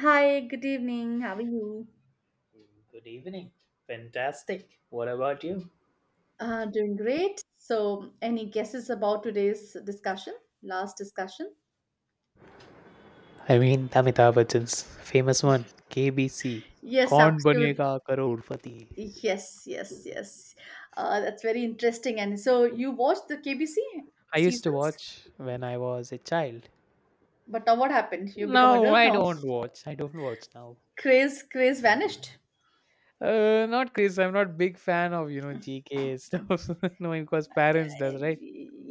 Hi, good evening. How are you? Good evening. Fantastic. What about you? Doing great. So, any guesses about today's discussion? Last discussion? Amitabh Bachchan's famous one, KBC. Yes, Kaun absolutely. banega crorepati? Yes, yes, yes. That's very interesting. And so, you watched the KBC I used to seasons, watch when I was a child. but now what happened? You become No, adult I now. don't watch. I don't watch now. Craze, craze vanished. Not Chris. I'm not big fan of GK stuff. Knowing because parents does right.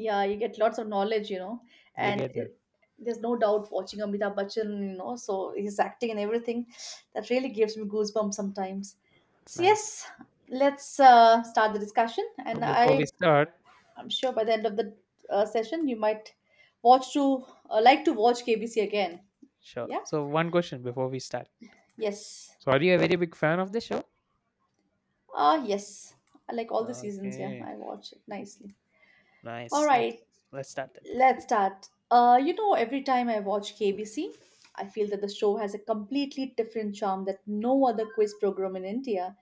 Yeah, you get lots of knowledge You and get that. it, there's no doubt watching Amitabh Bachchan, so his acting and everything that really gives me goosebumps sometimes. It's So nice. yes, let's start the discussion, So and before we i start, i'm sure by the end of the session you might watch to like to watch KBC again. sure. Yeah. So one question before we start. Yes. So are you a very big fan of the show? Ah, yes, I like all the seasons. Yeah, Okay. I watch it nicely. All Nice. Let's right. let's start then. Let's start. You know, every time I watch KBC, I feel that the show has a completely different charm that no other quiz program in India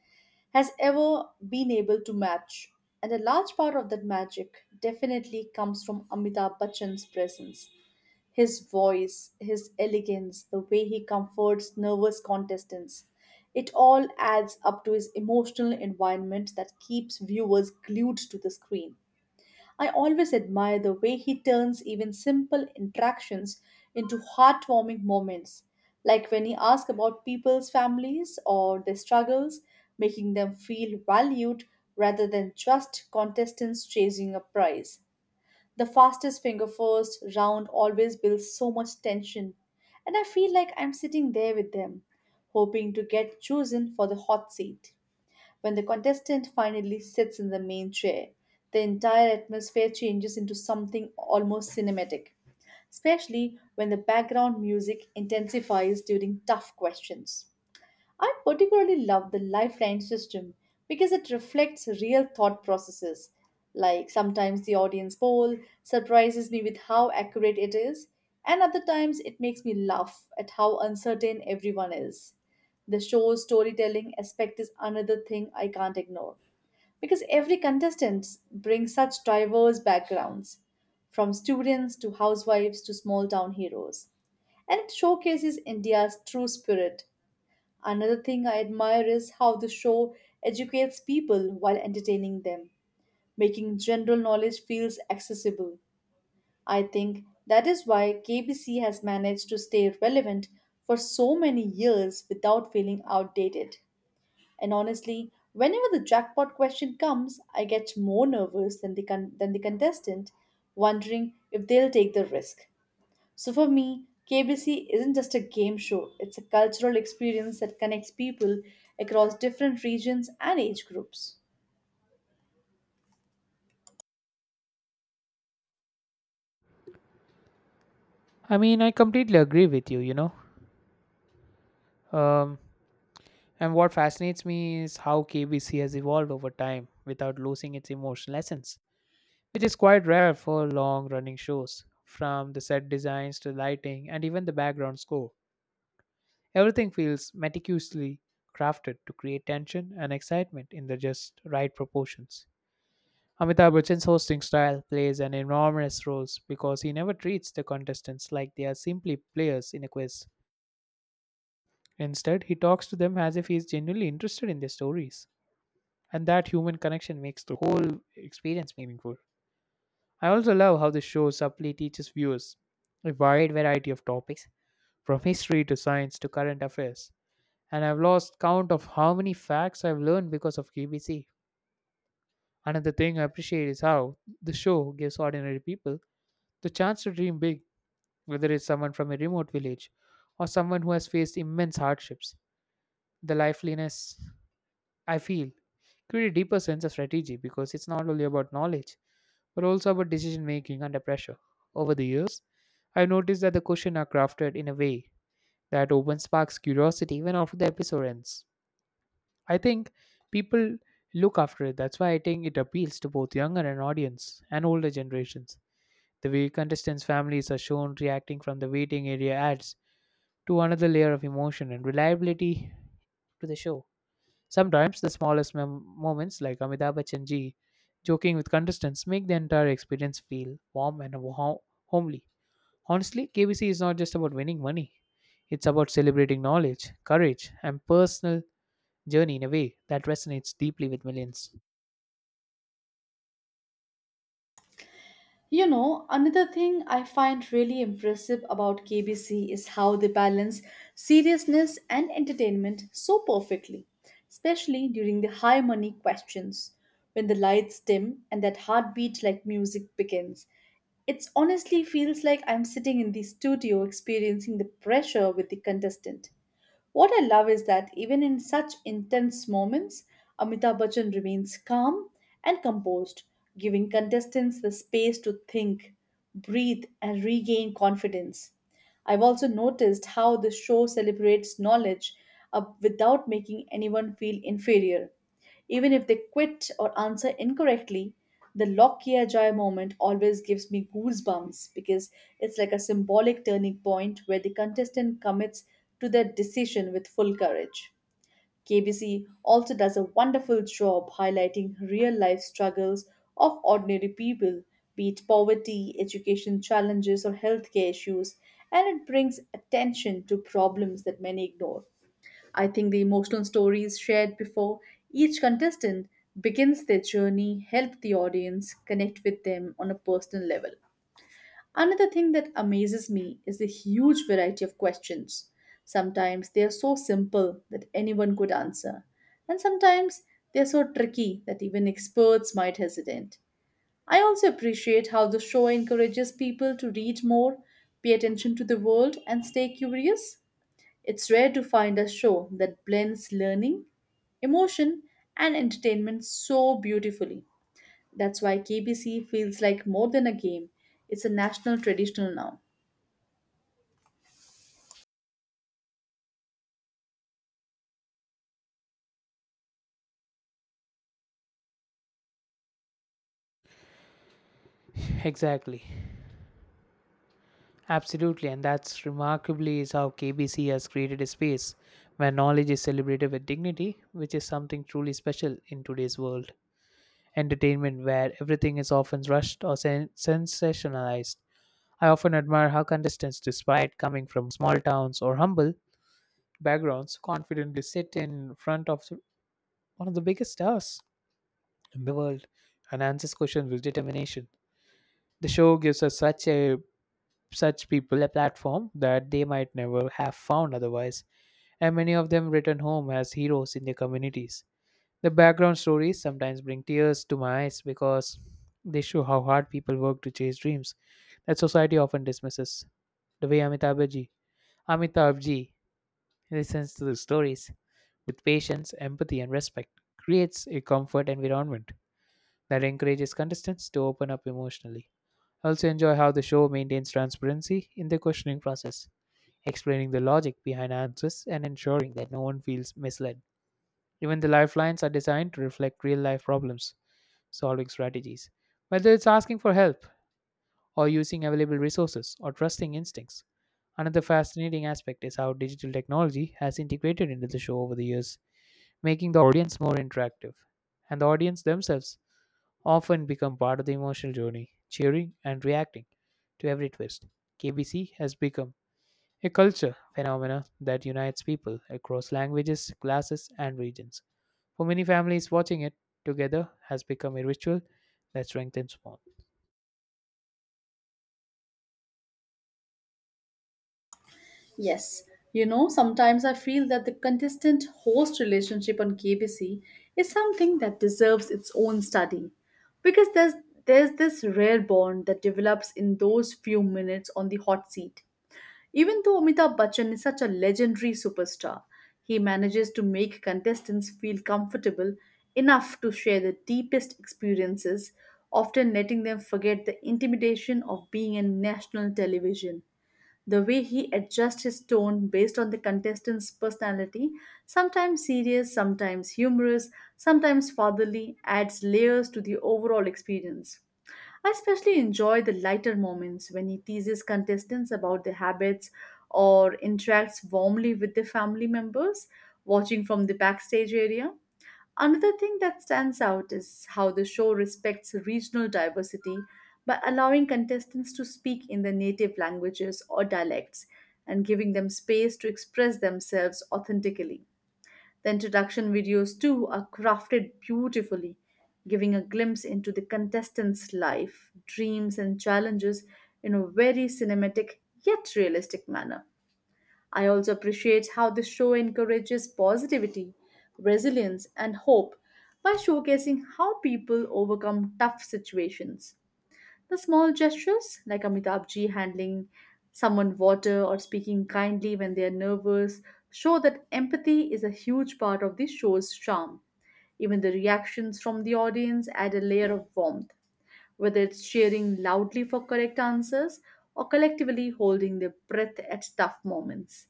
has ever been able to match. And a large part of that magic definitely comes from Amitabh Bachchan's presence. His voice, his elegance, the way he comforts nervous contestants. It all adds up to his emotional environment that keeps viewers glued to the screen. I always admire the way he turns even simple interactions into heartwarming moments, like when he asks about people's families or their struggles, making them feel valued rather than just contestants chasing a prize. The fastest finger first round always builds so much tension, and I feel like I'm sitting there with them, hoping to get chosen for the hot seat. When the contestant finally sits in the main chair, the entire atmosphere changes into something almost cinematic, especially when the background music intensifies during tough questions. I particularly love the lifeline system because it reflects real thought processes. Like sometimes the audience poll surprises me with how accurate it is, and other times it makes me laugh at how uncertain everyone is. The show's storytelling aspect is another thing I can't ignore, because every contestant brings such diverse backgrounds, from students to housewives to small town heroes, and it showcases India's true spirit. Another thing I admire is how the show educates people while entertaining them, making general knowledge feels accessible. I think that is why KBC has managed to stay relevant for so many years without feeling outdated. And honestly, whenever the jackpot question comes, I get more nervous than the than the contestant, wondering if they'll take the risk. So for me, KBC isn't just a game show, it's a cultural experience that connects people across different regions and age groups. I completely agree with you, you know. Um, and what fascinates me is how KBC has evolved over time without losing its emotional essence, which is quite rare for long running shows. From the set designs to lighting and even the background score, everything feels meticulously crafted to create tension and excitement in the just right proportions. Amitabh Bachchan's hosting style plays an enormous role because he never treats the contestants like they are simply players in a quiz. Instead, he talks to them as if he is genuinely interested in their stories, and that human connection makes the whole experience meaningful. I also love how the show subtly teaches viewers a wide variety of topics, from history to science to current affairs, and I've lost count of how many facts I've learned because of KBC. Another thing I appreciate is how the show gives ordinary people the chance to dream big, whether it's someone from a remote village or someone who has faced immense hardships. The liveliness I feel create a deeper sense of strategy because it's not only about knowledge but also about decision making under pressure. Over the years, I've noticed that the questions are crafted in a way that opens sparks curiosity even after the episode ends. I think people look after it. That's why I think it appeals to both younger and audience and older generations. The way contestants' families are shown reacting from the waiting area adds to another layer of emotion and reliability to the show. Sometimes the moments, like Amitabh Bachchan ji joking with contestants, make the entire experience feel warm and homely. Honestly, KBC is not just about winning money, it's about celebrating knowledge, courage, and personal journey in a way that resonates deeply with millions. You know, another thing I find really impressive about KBC is how they balance seriousness and entertainment so perfectly, especially during the high money questions when the lights dim and that heartbeat like music begins. It honestly feels like I'm sitting in the studio experiencing the pressure with the contestant. What I love is that even in such intense moments, Amitabh Bachchan remains calm and composed, giving contestants the space to think, breathe, and regain confidence. I've also noticed how the show celebrates knowledge without making anyone feel inferior. Even if they quit or answer incorrectly, the Lockyer Joy moment always gives me goosebumps because it's like a symbolic turning point where the contestant commits to their decision with full courage. KBC also does a wonderful job highlighting real life struggles of ordinary people, be it poverty, education challenges, or healthcare issues, and it brings attention to problems that many ignore. I think the emotional stories shared before each contestant begins their journey help the audience connect with them on a personal level. Another thing that amazes me is the huge variety of questions. Sometimes they are so simple that anyone could answer, and sometimes they are so tricky that even experts might hesitate. I also appreciate how the show encourages people to read more, pay attention to the world, and stay curious. It's rare to find a show that blends learning, emotion, and entertainment so beautifully. That's why KBC feels like more than a game, it's a national traditional now. Exactly. Absolutely. And that's remarkably is how KBC has created a space where knowledge is celebrated with dignity, which is something truly special in today's world. Entertainment where everything is often rushed or sensationalized. I often admire how contestants, despite coming from small towns or humble backgrounds, confidently sit in front of one of the biggest stars in the world and answers questions with determination. The show gives us such people a platform that they might never have found otherwise, and many of them return home as heroes in their communities. The background stories sometimes bring tears to my eyes because they show how hard people work to chase dreams that society often dismisses. The way Amitabhji listens to the stories with patience, empathy, and respect creates a comfort environment that encourages contestants to open up emotionally. I also enjoy how the show maintains transparency in the questioning process, explaining the logic behind answers and ensuring that no one feels misled. Even the lifelines are designed to reflect real life problems solving strategies, whether it's asking for help or using available resources or trusting instincts. Another fascinating aspect is how digital technology has integrated into the show over the years, making the audience more interactive. And the audience themselves often become part of the emotional journey, cheering and reacting to every twist. KBC has become a culture phenomena that unites people across languages, classes, and regions. For many families, watching it together has become a ritual that strengthens bond. Yes, you know, sometimes I feel that the contestant host relationship on KBC is something that deserves its own study, because there's this rare bond that develops in those few minutes on the hot seat. Even though Amitabh Bachchan is such a legendary superstar, he manages to make contestants feel comfortable enough to share the deepest experiences, often letting them forget the intimidation of being on national television. The way he adjusts his tone based on the contestant's personality, sometimes serious, sometimes humorous, sometimes fatherly, adds layers to the overall experience. I especially enjoy the lighter moments when he teases contestants about their habits or interacts warmly with their family members watching from the backstage area. Another thing that stands out is how the show respects regional diversity by allowing contestants to speak in their native languages or dialects and giving them space to express themselves authentically. The introduction videos, too, are crafted beautifully, giving a glimpse into the contestants' life, dreams, and challenges in a very cinematic yet realistic manner. I also appreciate how the show encourages positivity, resilience, and hope by showcasing how people overcome tough situations. The small gestures, like Amitabh Ji handling someone water or speaking kindly when they are nervous, show that empathy is a huge part of the show's charm. Even the reactions from the audience add a layer of warmth, whether it's cheering loudly for correct answers or collectively holding their breath at tough moments.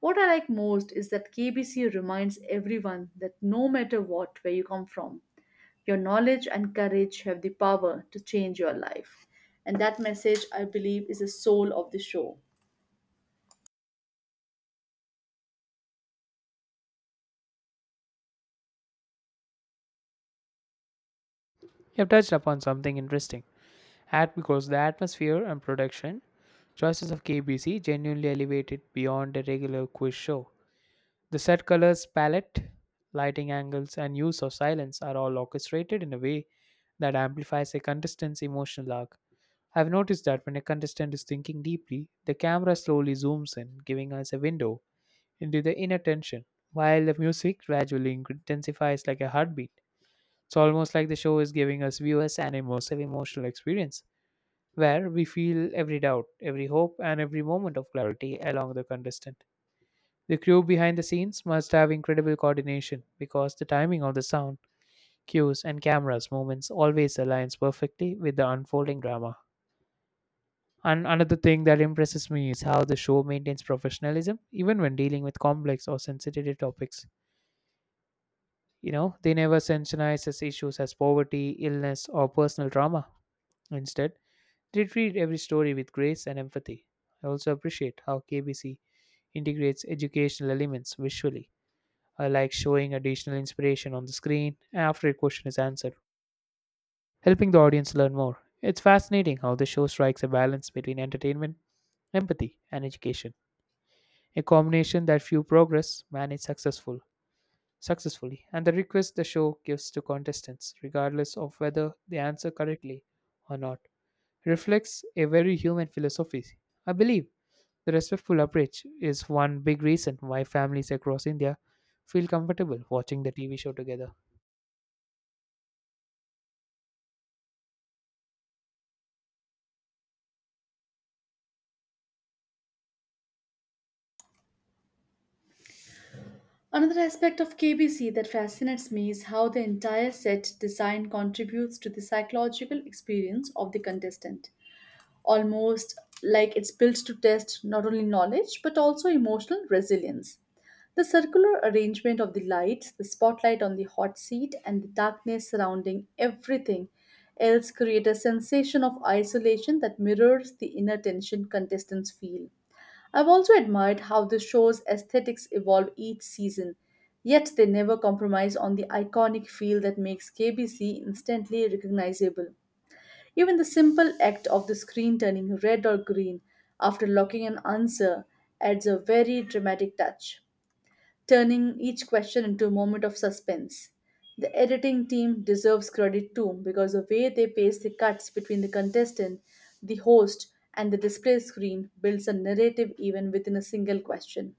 What I like most is that KBC reminds everyone that no matter what, where you come from, your knowledge and courage have the power to change your life. And that message, I believe, is the soul of the show. You have touched upon something interesting. At because the atmosphere and production choices of KBC genuinely elevated beyond a regular quiz show. The set colors palette, lighting angles, and use of silence are all orchestrated in a way that amplifies a contestant's emotional arc. I've noticed that when a contestant is thinking deeply, the camera slowly zooms in, giving us a window into the inner tension, while the music gradually intensifies like a heartbeat. It's almost like the show is giving us viewers an immersive emotional experience where we feel every doubt, every hope, and every moment of clarity along the contestant. The crew behind the scenes must have incredible coordination because the timing of the sound, cues, and cameras movements always aligns perfectly with the unfolding drama. And another thing that impresses me is how the show maintains professionalism even when dealing with complex or sensitive topics. You know, they never sensationalize as issues as poverty, illness, or personal trauma. Instead, they treat every story with grace and empathy. I also appreciate how KBC integrates educational elements visually. I like showing additional inspiration on the screen after a question is answered, helping the audience learn more. It's fascinating how the show strikes a balance between entertainment, empathy, and education, a combination that few progress manage successfully and the request the show gives to contestants, regardless of whether they answer correctly or not, reflects a very human philosophy. I believe the respectful approach is one big reason why families across India feel comfortable watching the TV show together. Another aspect of KBC that fascinates me is how the entire set design contributes to the psychological experience of the contestant, almost like it's built to test not only knowledge but also emotional resilience. The circular arrangement of the lights, the spotlight on the hot seat, and the darkness surrounding everything else create a sensation of isolation that mirrors the inner tension contestants feel. I've also admired how the show's aesthetics evolve each season, yet they never compromise on the iconic feel that makes KBC instantly recognizable. Even the simple act of the screen turning red or green after locking an answer adds a very dramatic touch, turning each question into a moment of suspense. The editing team deserves credit too, because the way they pace the cuts between the contestant, the host, and the display screen builds a narrative even within a single question.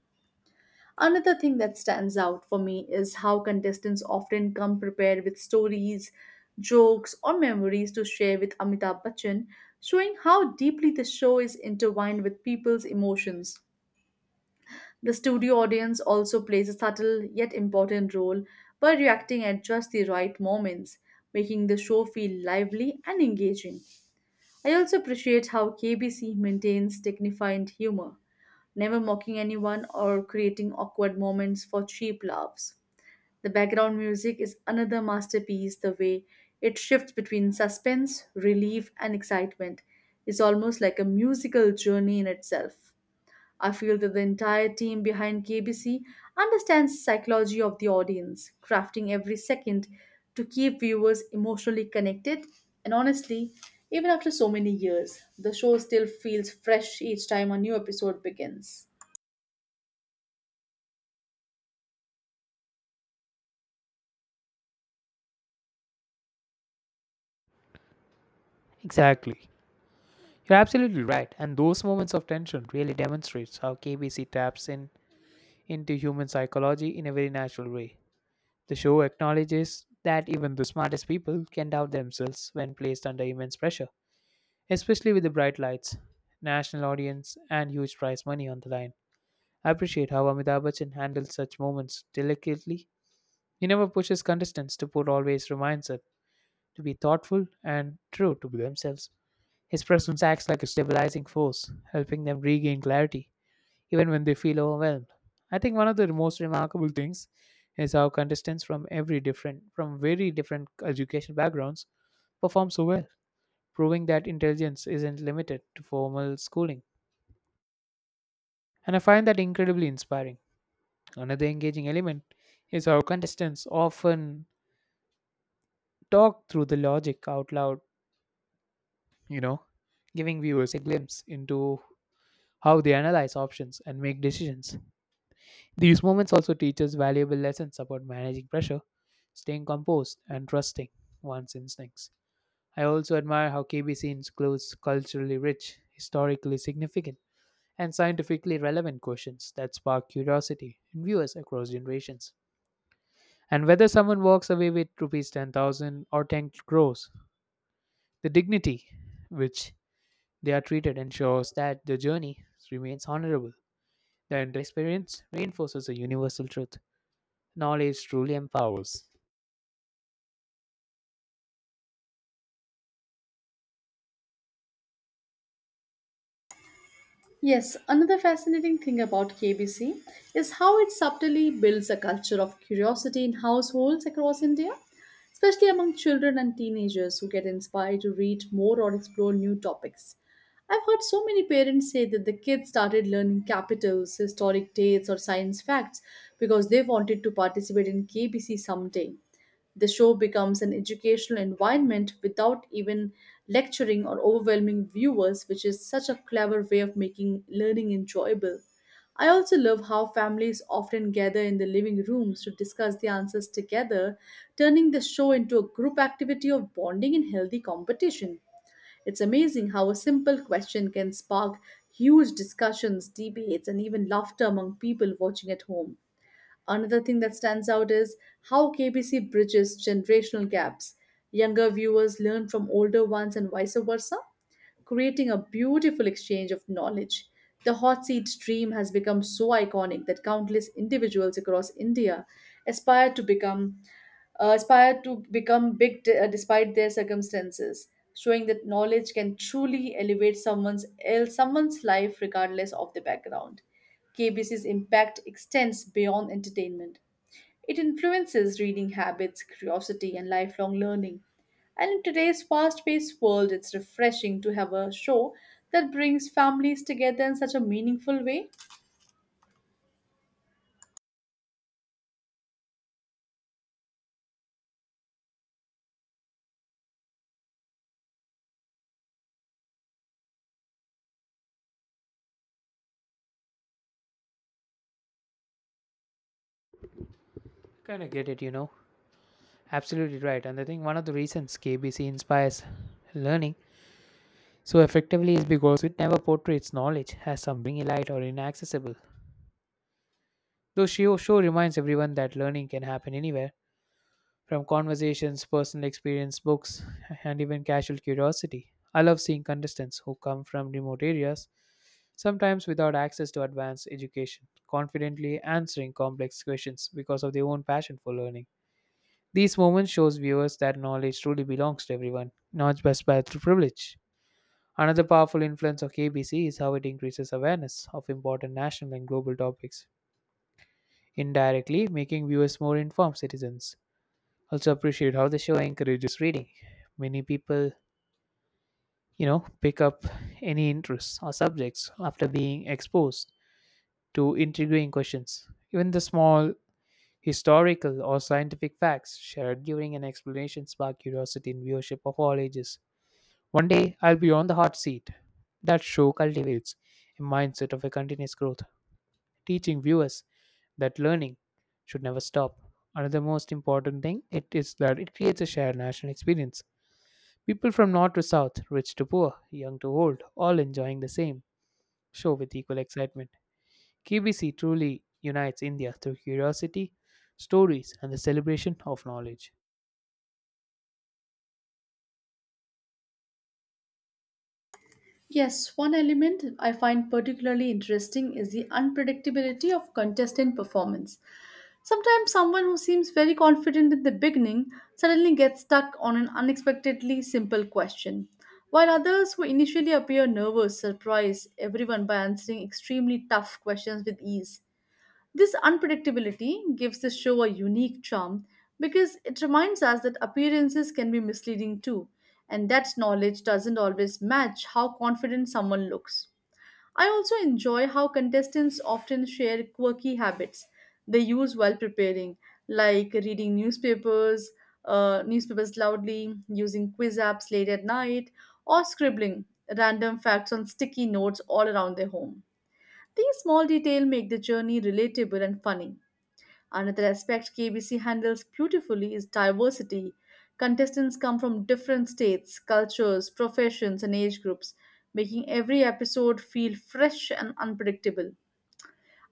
Another thing that stands out for me is how contestants often come prepared with stories, jokes, or memories to share with Amitabh Bachchan, showing how deeply the show is intertwined with people's emotions. The studio audience also plays a subtle yet important role by reacting at just the right moments, making the show feel lively and engaging. I also appreciate how KBC maintains dignified humor, never mocking anyone or creating awkward moments for cheap laughs. The background music is another masterpiece, the way it shifts between suspense, relief, and excitement is almost like a musical journey in itself. I feel that the entire team behind KBC understands psychology of the audience, crafting every second to keep viewers emotionally connected. And honestly, even after so many years, the show still feels fresh each time a new episode begins. Exactly. You're absolutely right, and those moments of tension really demonstrates how KBC taps in into human psychology in a very natural way. The show acknowledges that even the smartest people can doubt themselves when placed under immense pressure, especially with the bright lights, national audience, and huge prize money on the line. I appreciate how Amitabh Bachchan handles such moments delicately. He never pushes contestants to put, always reminds them to be thoughtful and true to themselves. His presence acts like a stabilizing force, helping them regain clarity, even when they feel overwhelmed. I think one of the most remarkable things is how contestants from very different education backgrounds perform so well proving that intelligence isn't limited to formal schooling. And I find that incredibly inspiring. Another engaging element is how contestants often talk through the logic out loud, you know, giving viewers a glimpse into how they analyze options and make decisions. These moments also teach us valuable lessons about managing pressure, staying composed, and trusting one's instincts. I also admire how KBC includes culturally rich, historically significant and scientifically relevant questions that spark curiosity in viewers across generations. And whether someone walks away with rupees 10,000 or 10 crores, the dignity which they are treated ensures that the journey remains honorable. The entire experience reinforces a universal truth. Knowledge truly empowers. Yes, another fascinating thing about KBC is how it subtly builds a culture of curiosity in households across India, especially among children and teenagers who get inspired to read more or explore new topics. I've heard so many parents say that the kids started learning capitals, historic dates, or science facts because they wanted to participate in KBC someday. The show becomes an educational environment without even lecturing or overwhelming viewers, which is such a clever way of making learning enjoyable. I also love how families often gather in the living rooms to discuss the answers together, turning the show into a group activity of bonding and healthy competition. It's amazing how a simple question can spark huge discussions, debates, and even laughter among people watching at home. Another thing that stands out is how KBC bridges generational gaps. Younger viewers learn from older ones and vice versa, creating a beautiful exchange of knowledge. The hot seat dream has become so iconic that countless individuals across India aspire to become big despite their circumstances, showing that knowledge can truly elevate someone's life regardless of the background. KBC's impact extends beyond entertainment. It influences reading habits, curiosity, and lifelong learning. And in today's fast paced world, it's refreshing to have a show that brings families together in such a meaningful way. Kind of get it, you know. Absolutely right. And I think one of the reasons KBC inspires learning so effectively is because it never portrays knowledge as something elite or inaccessible. Though she also reminds everyone that learning can happen anywhere, from conversations, personal experience, books, and even casual curiosity. I love seeing contestants who come from remote areas, sometimes without access to advanced education, confidently answering complex questions because of their own passion for learning. These moments shows viewers that knowledge truly belongs to everyone, not just by through privilege. Another powerful influence of KBC is how it increases awareness of important national and global topics indirectly making viewers more informed citizens. Also appreciate how the show encourages reading. Many people, pick up any interests or subjects after being exposed to intriguing questions. Even the small historical or scientific facts shared during an explanation spark curiosity in viewership of all ages. One day I'll be on the hot seat. That show cultivates a mindset of a continuous growth teaching viewers that learning should never stop. Another most important thing it is that it creates a shared national experience. People from north to south, rich to poor, young to old, all enjoying the same show with equal excitement. KBC truly unites India through curiosity, stories, and the celebration of knowledge. Yes, one element I find particularly interesting is the unpredictability of contestant performance. Sometimes someone who seems very confident in the beginning suddenly gets stuck on an unexpectedly simple question, while others who initially appear nervous surprise everyone by answering extremely tough questions with ease. This unpredictability gives the show a unique charm because it reminds us that appearances can be misleading too, and that knowledge doesn't always match how confident someone looks. I also enjoy how contestants often share quirky habits they use while preparing, like reading newspapers, newspapers loudly, using quiz apps late at night, or scribbling random facts on sticky notes all around their home. These small details make the journey relatable and funny. Another aspect KBC handles beautifully is diversity. Contestants come from different states, cultures, professions, and age groups, making every episode feel fresh and unpredictable.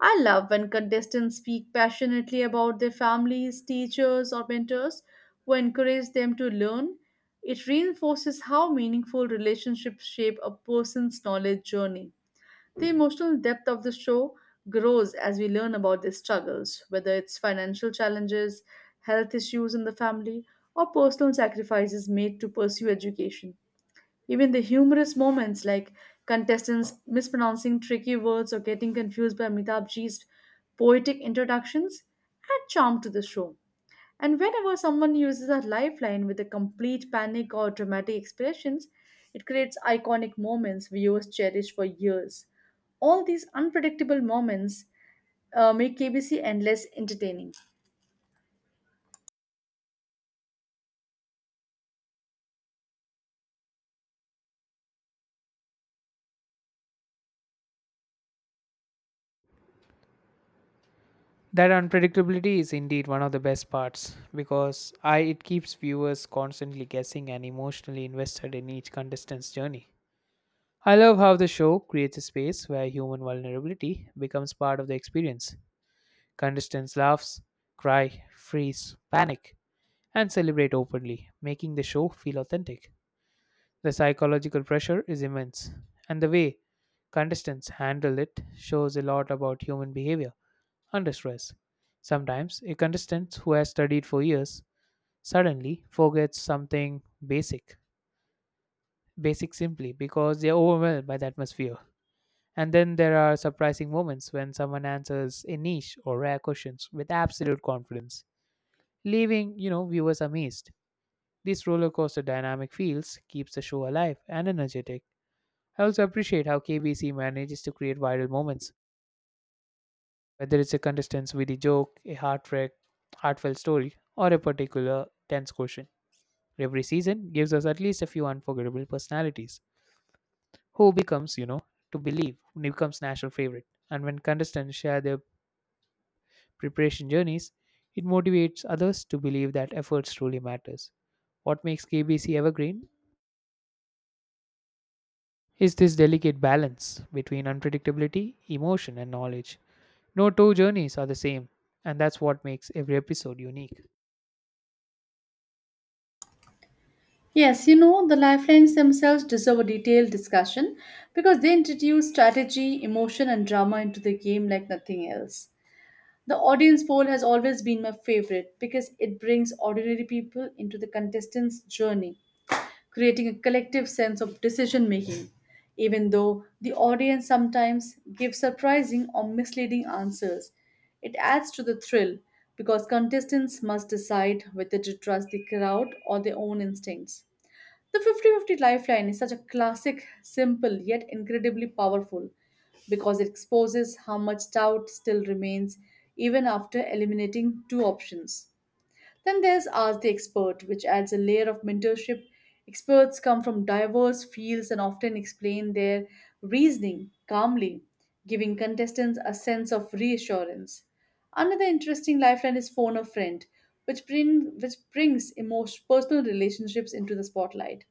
I love when contestants speak passionately about their families, teachers, or mentors who encourage them to learn. It reinforces how meaningful relationships shape a person's knowledge journey. The emotional depth of the show grows as we learn about their struggles, whether it's financial challenges, health issues in the family, or personal sacrifices made to pursue education. Even the humorous moments like contestants mispronouncing tricky words or getting confused by Amitabh Ji's poetic introductions add charm to the show. And whenever someone uses a lifeline with a complete panic or dramatic expressions, it creates iconic moments viewers cherish for years. All these unpredictable moments make KBC endless entertaining. That unpredictability is indeed one of the best parts because it keeps viewers constantly guessing and emotionally invested in each contestant's journey. I love how the show creates a space where human vulnerability becomes part of the experience. Contestants laughs, cry, freeze, panic, and celebrate openly, making the show feel authentic. The psychological pressure is immense, and the way contestants handle it shows a lot about human behavior under stress. Sometimes a contestant who has studied for years suddenly forgets something basic, basic simply because they are overwhelmed by the atmosphere. And then there are surprising moments when someone answers a niche or rare questions with absolute confidence, leaving, you know, viewers amazed. This roller coaster dynamic feels keeps the show alive and energetic. I also appreciate how KBC manages to create viral moments, whether it's a contestant's witty joke, a heartfelt story, or a particular tense question. Every season gives us at least a few unforgettable personalities who becomes, becomes national favorite. And when contestants share their preparation journeys, it motivates others to believe that effort truly matters. What makes KBC evergreen is this delicate balance between unpredictability, emotion, and knowledge. No two journeys are the same, and that's what makes every episode unique. Yes, you know, the lifelines themselves deserve a detailed discussion because they introduce strategy, emotion, and drama into the game like nothing else. The audience poll has always been my favorite because it brings ordinary people into the contestants' journey, creating a collective sense of decision making, even though the audience sometimes gives surprising or misleading answers. It adds to the thrill because contestants must decide whether to trust the crowd or their own instincts. The 50-50 lifeline is such a classic, simple, yet incredibly powerful because it exposes how much doubt still remains even after eliminating two options. Then there's Ask the Expert, which adds a layer of mentorship. Experts come from diverse fields and often explain their reasoning calmly, giving contestants a sense of reassurance. Another interesting lifeline is Phone a Friend, which brings emotional, personal relationships into the spotlight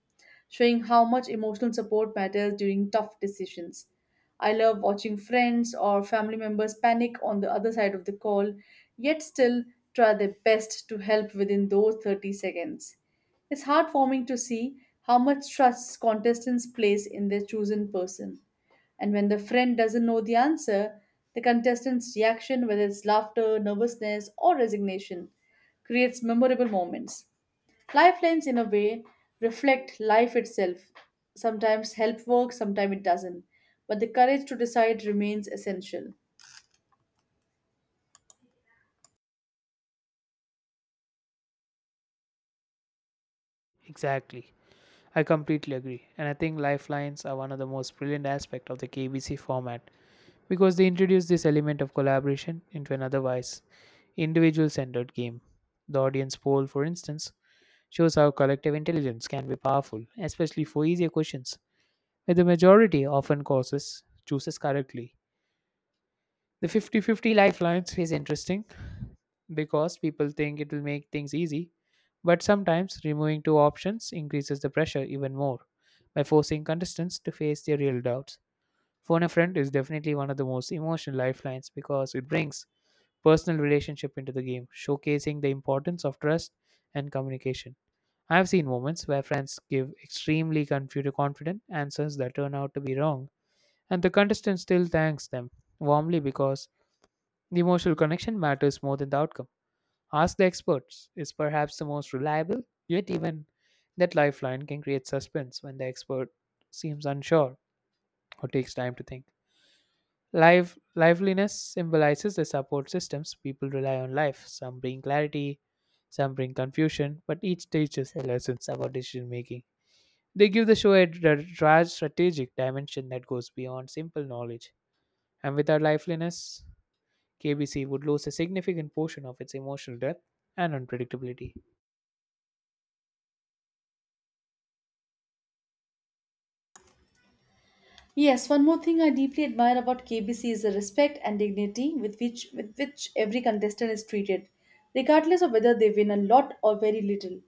showing how much emotional support matters during tough decisions. I love watching friends or family members panic on the other side of the call, yet still try their best to help within those 30 seconds. It's heartwarming to see how much trust contestants place in their chosen person. And when the friend doesn't know the answer, the contestant's reaction, whether it's laughter, nervousness, or resignation, creates memorable moments. Lifelines, in a way, reflect life itself. Sometimes help work, sometimes it doesn't. But the courage to decide remains essential. Exactly. I completely agree, and I think lifelines are one of the most brilliant aspects of the KBC format because they introduce this element of collaboration into an otherwise individual centered game. The audience poll, for instance, shows how collective intelligence can be powerful, especially for easier questions, where the majority often causes chooses correctly. The 50-50 lifelines is interesting because people think it will make things easy, but sometimes removing two options increases the pressure even more by forcing contestants to face their real doubts. Phone a friend is definitely one of the most emotional lifelines because it brings personal relationship into the game, showcasing the importance of trust and communication. I have seen moments where friends give extremely confident answers that turn out to be wrong, and the contestant still thanks them warmly because the emotional connection matters more than the outcome. Ask the experts is perhaps the most reliable, yet, even that lifeline can create suspense when the expert seems unsure or takes time to think. Liveliness symbolizes the support systems people rely on life. Some bring clarity, some bring confusion, but each teaches lessons about decision making. They give the show a strategic dimension that goes beyond simple knowledge. And without liveliness, KBC would lose a significant portion of its emotional depth and unpredictability. Yes, one more thing I deeply admire about KBC is the respect and dignity with which every contestant is treated, regardless of whether they win a lot or very little.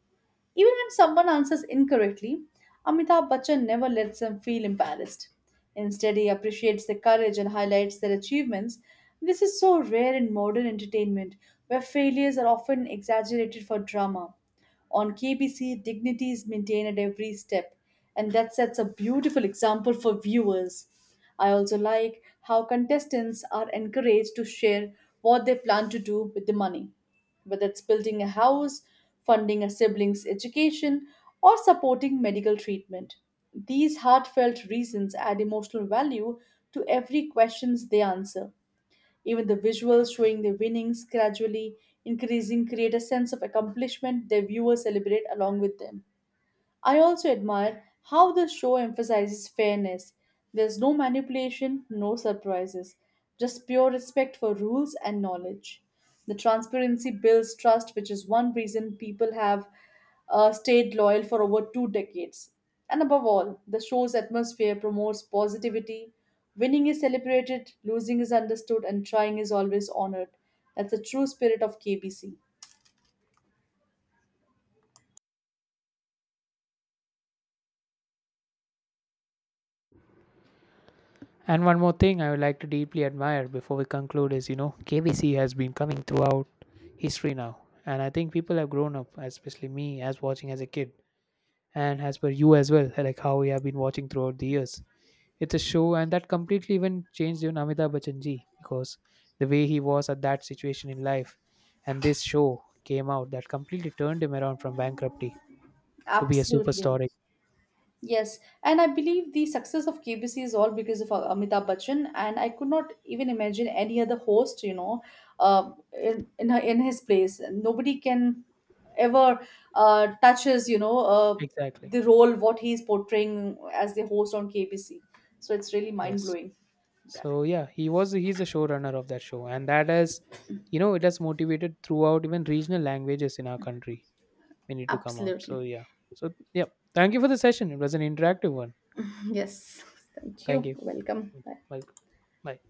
Even when someone answers incorrectly, Amitabh Bachchan never lets them feel embarrassed. Instead, he appreciates their courage and highlights their achievements. This is so rare in modern entertainment, where failures are often exaggerated for drama. On KBC, dignity is maintained at every step, and that sets a beautiful example for viewers. I also like how contestants are encouraged to share what they plan to do with the money, whether it's building a house, funding a sibling's education, or supporting medical treatment. These heartfelt reasons add emotional value to every questions they answer. Even the visuals showing their winnings gradually increasing create a sense of accomplishment their viewers celebrate along with them. I also admire how the show emphasizes fairness. There's no manipulation, no surprises, just pure respect for rules and knowledge. The transparency builds trust, which is one reason people have stayed loyal for over two decades. And above all, the show's atmosphere promotes positivity. Winning is celebrated, losing is understood, and trying is always honored. That's the true spirit of KBC. And one more thing I would like to deeply admire before we conclude is KBC has been coming throughout history now. And I think people have grown up, especially me, as watching as a kid, and as per you as well, like how we have been watching throughout the years. It's a show, and that completely even changed even Amitabh Bachchan ji because the way he was at that situation in life, and this show came out that completely turned him around from bankruptcy to be a Absolutely. superstar. Yes, and I believe the success of KBC is all because of Amitabh Bachchan, and I could not even imagine any other host, you know, in his place. Nobody can ever touch his, you know, Exactly. the role what he is portraying as the host on KBC. So it's really mind Yes. blowing. So yeah, he's the showrunner of that show, and that has, you know, it has motivated throughout even regional languages in our country. We need to come out. So Absolutely. yeah. So yeah. Thank you for the session. It was an interactive one. Yes. Thank Thank you. you. Welcome. Bye. Welcome. Bye.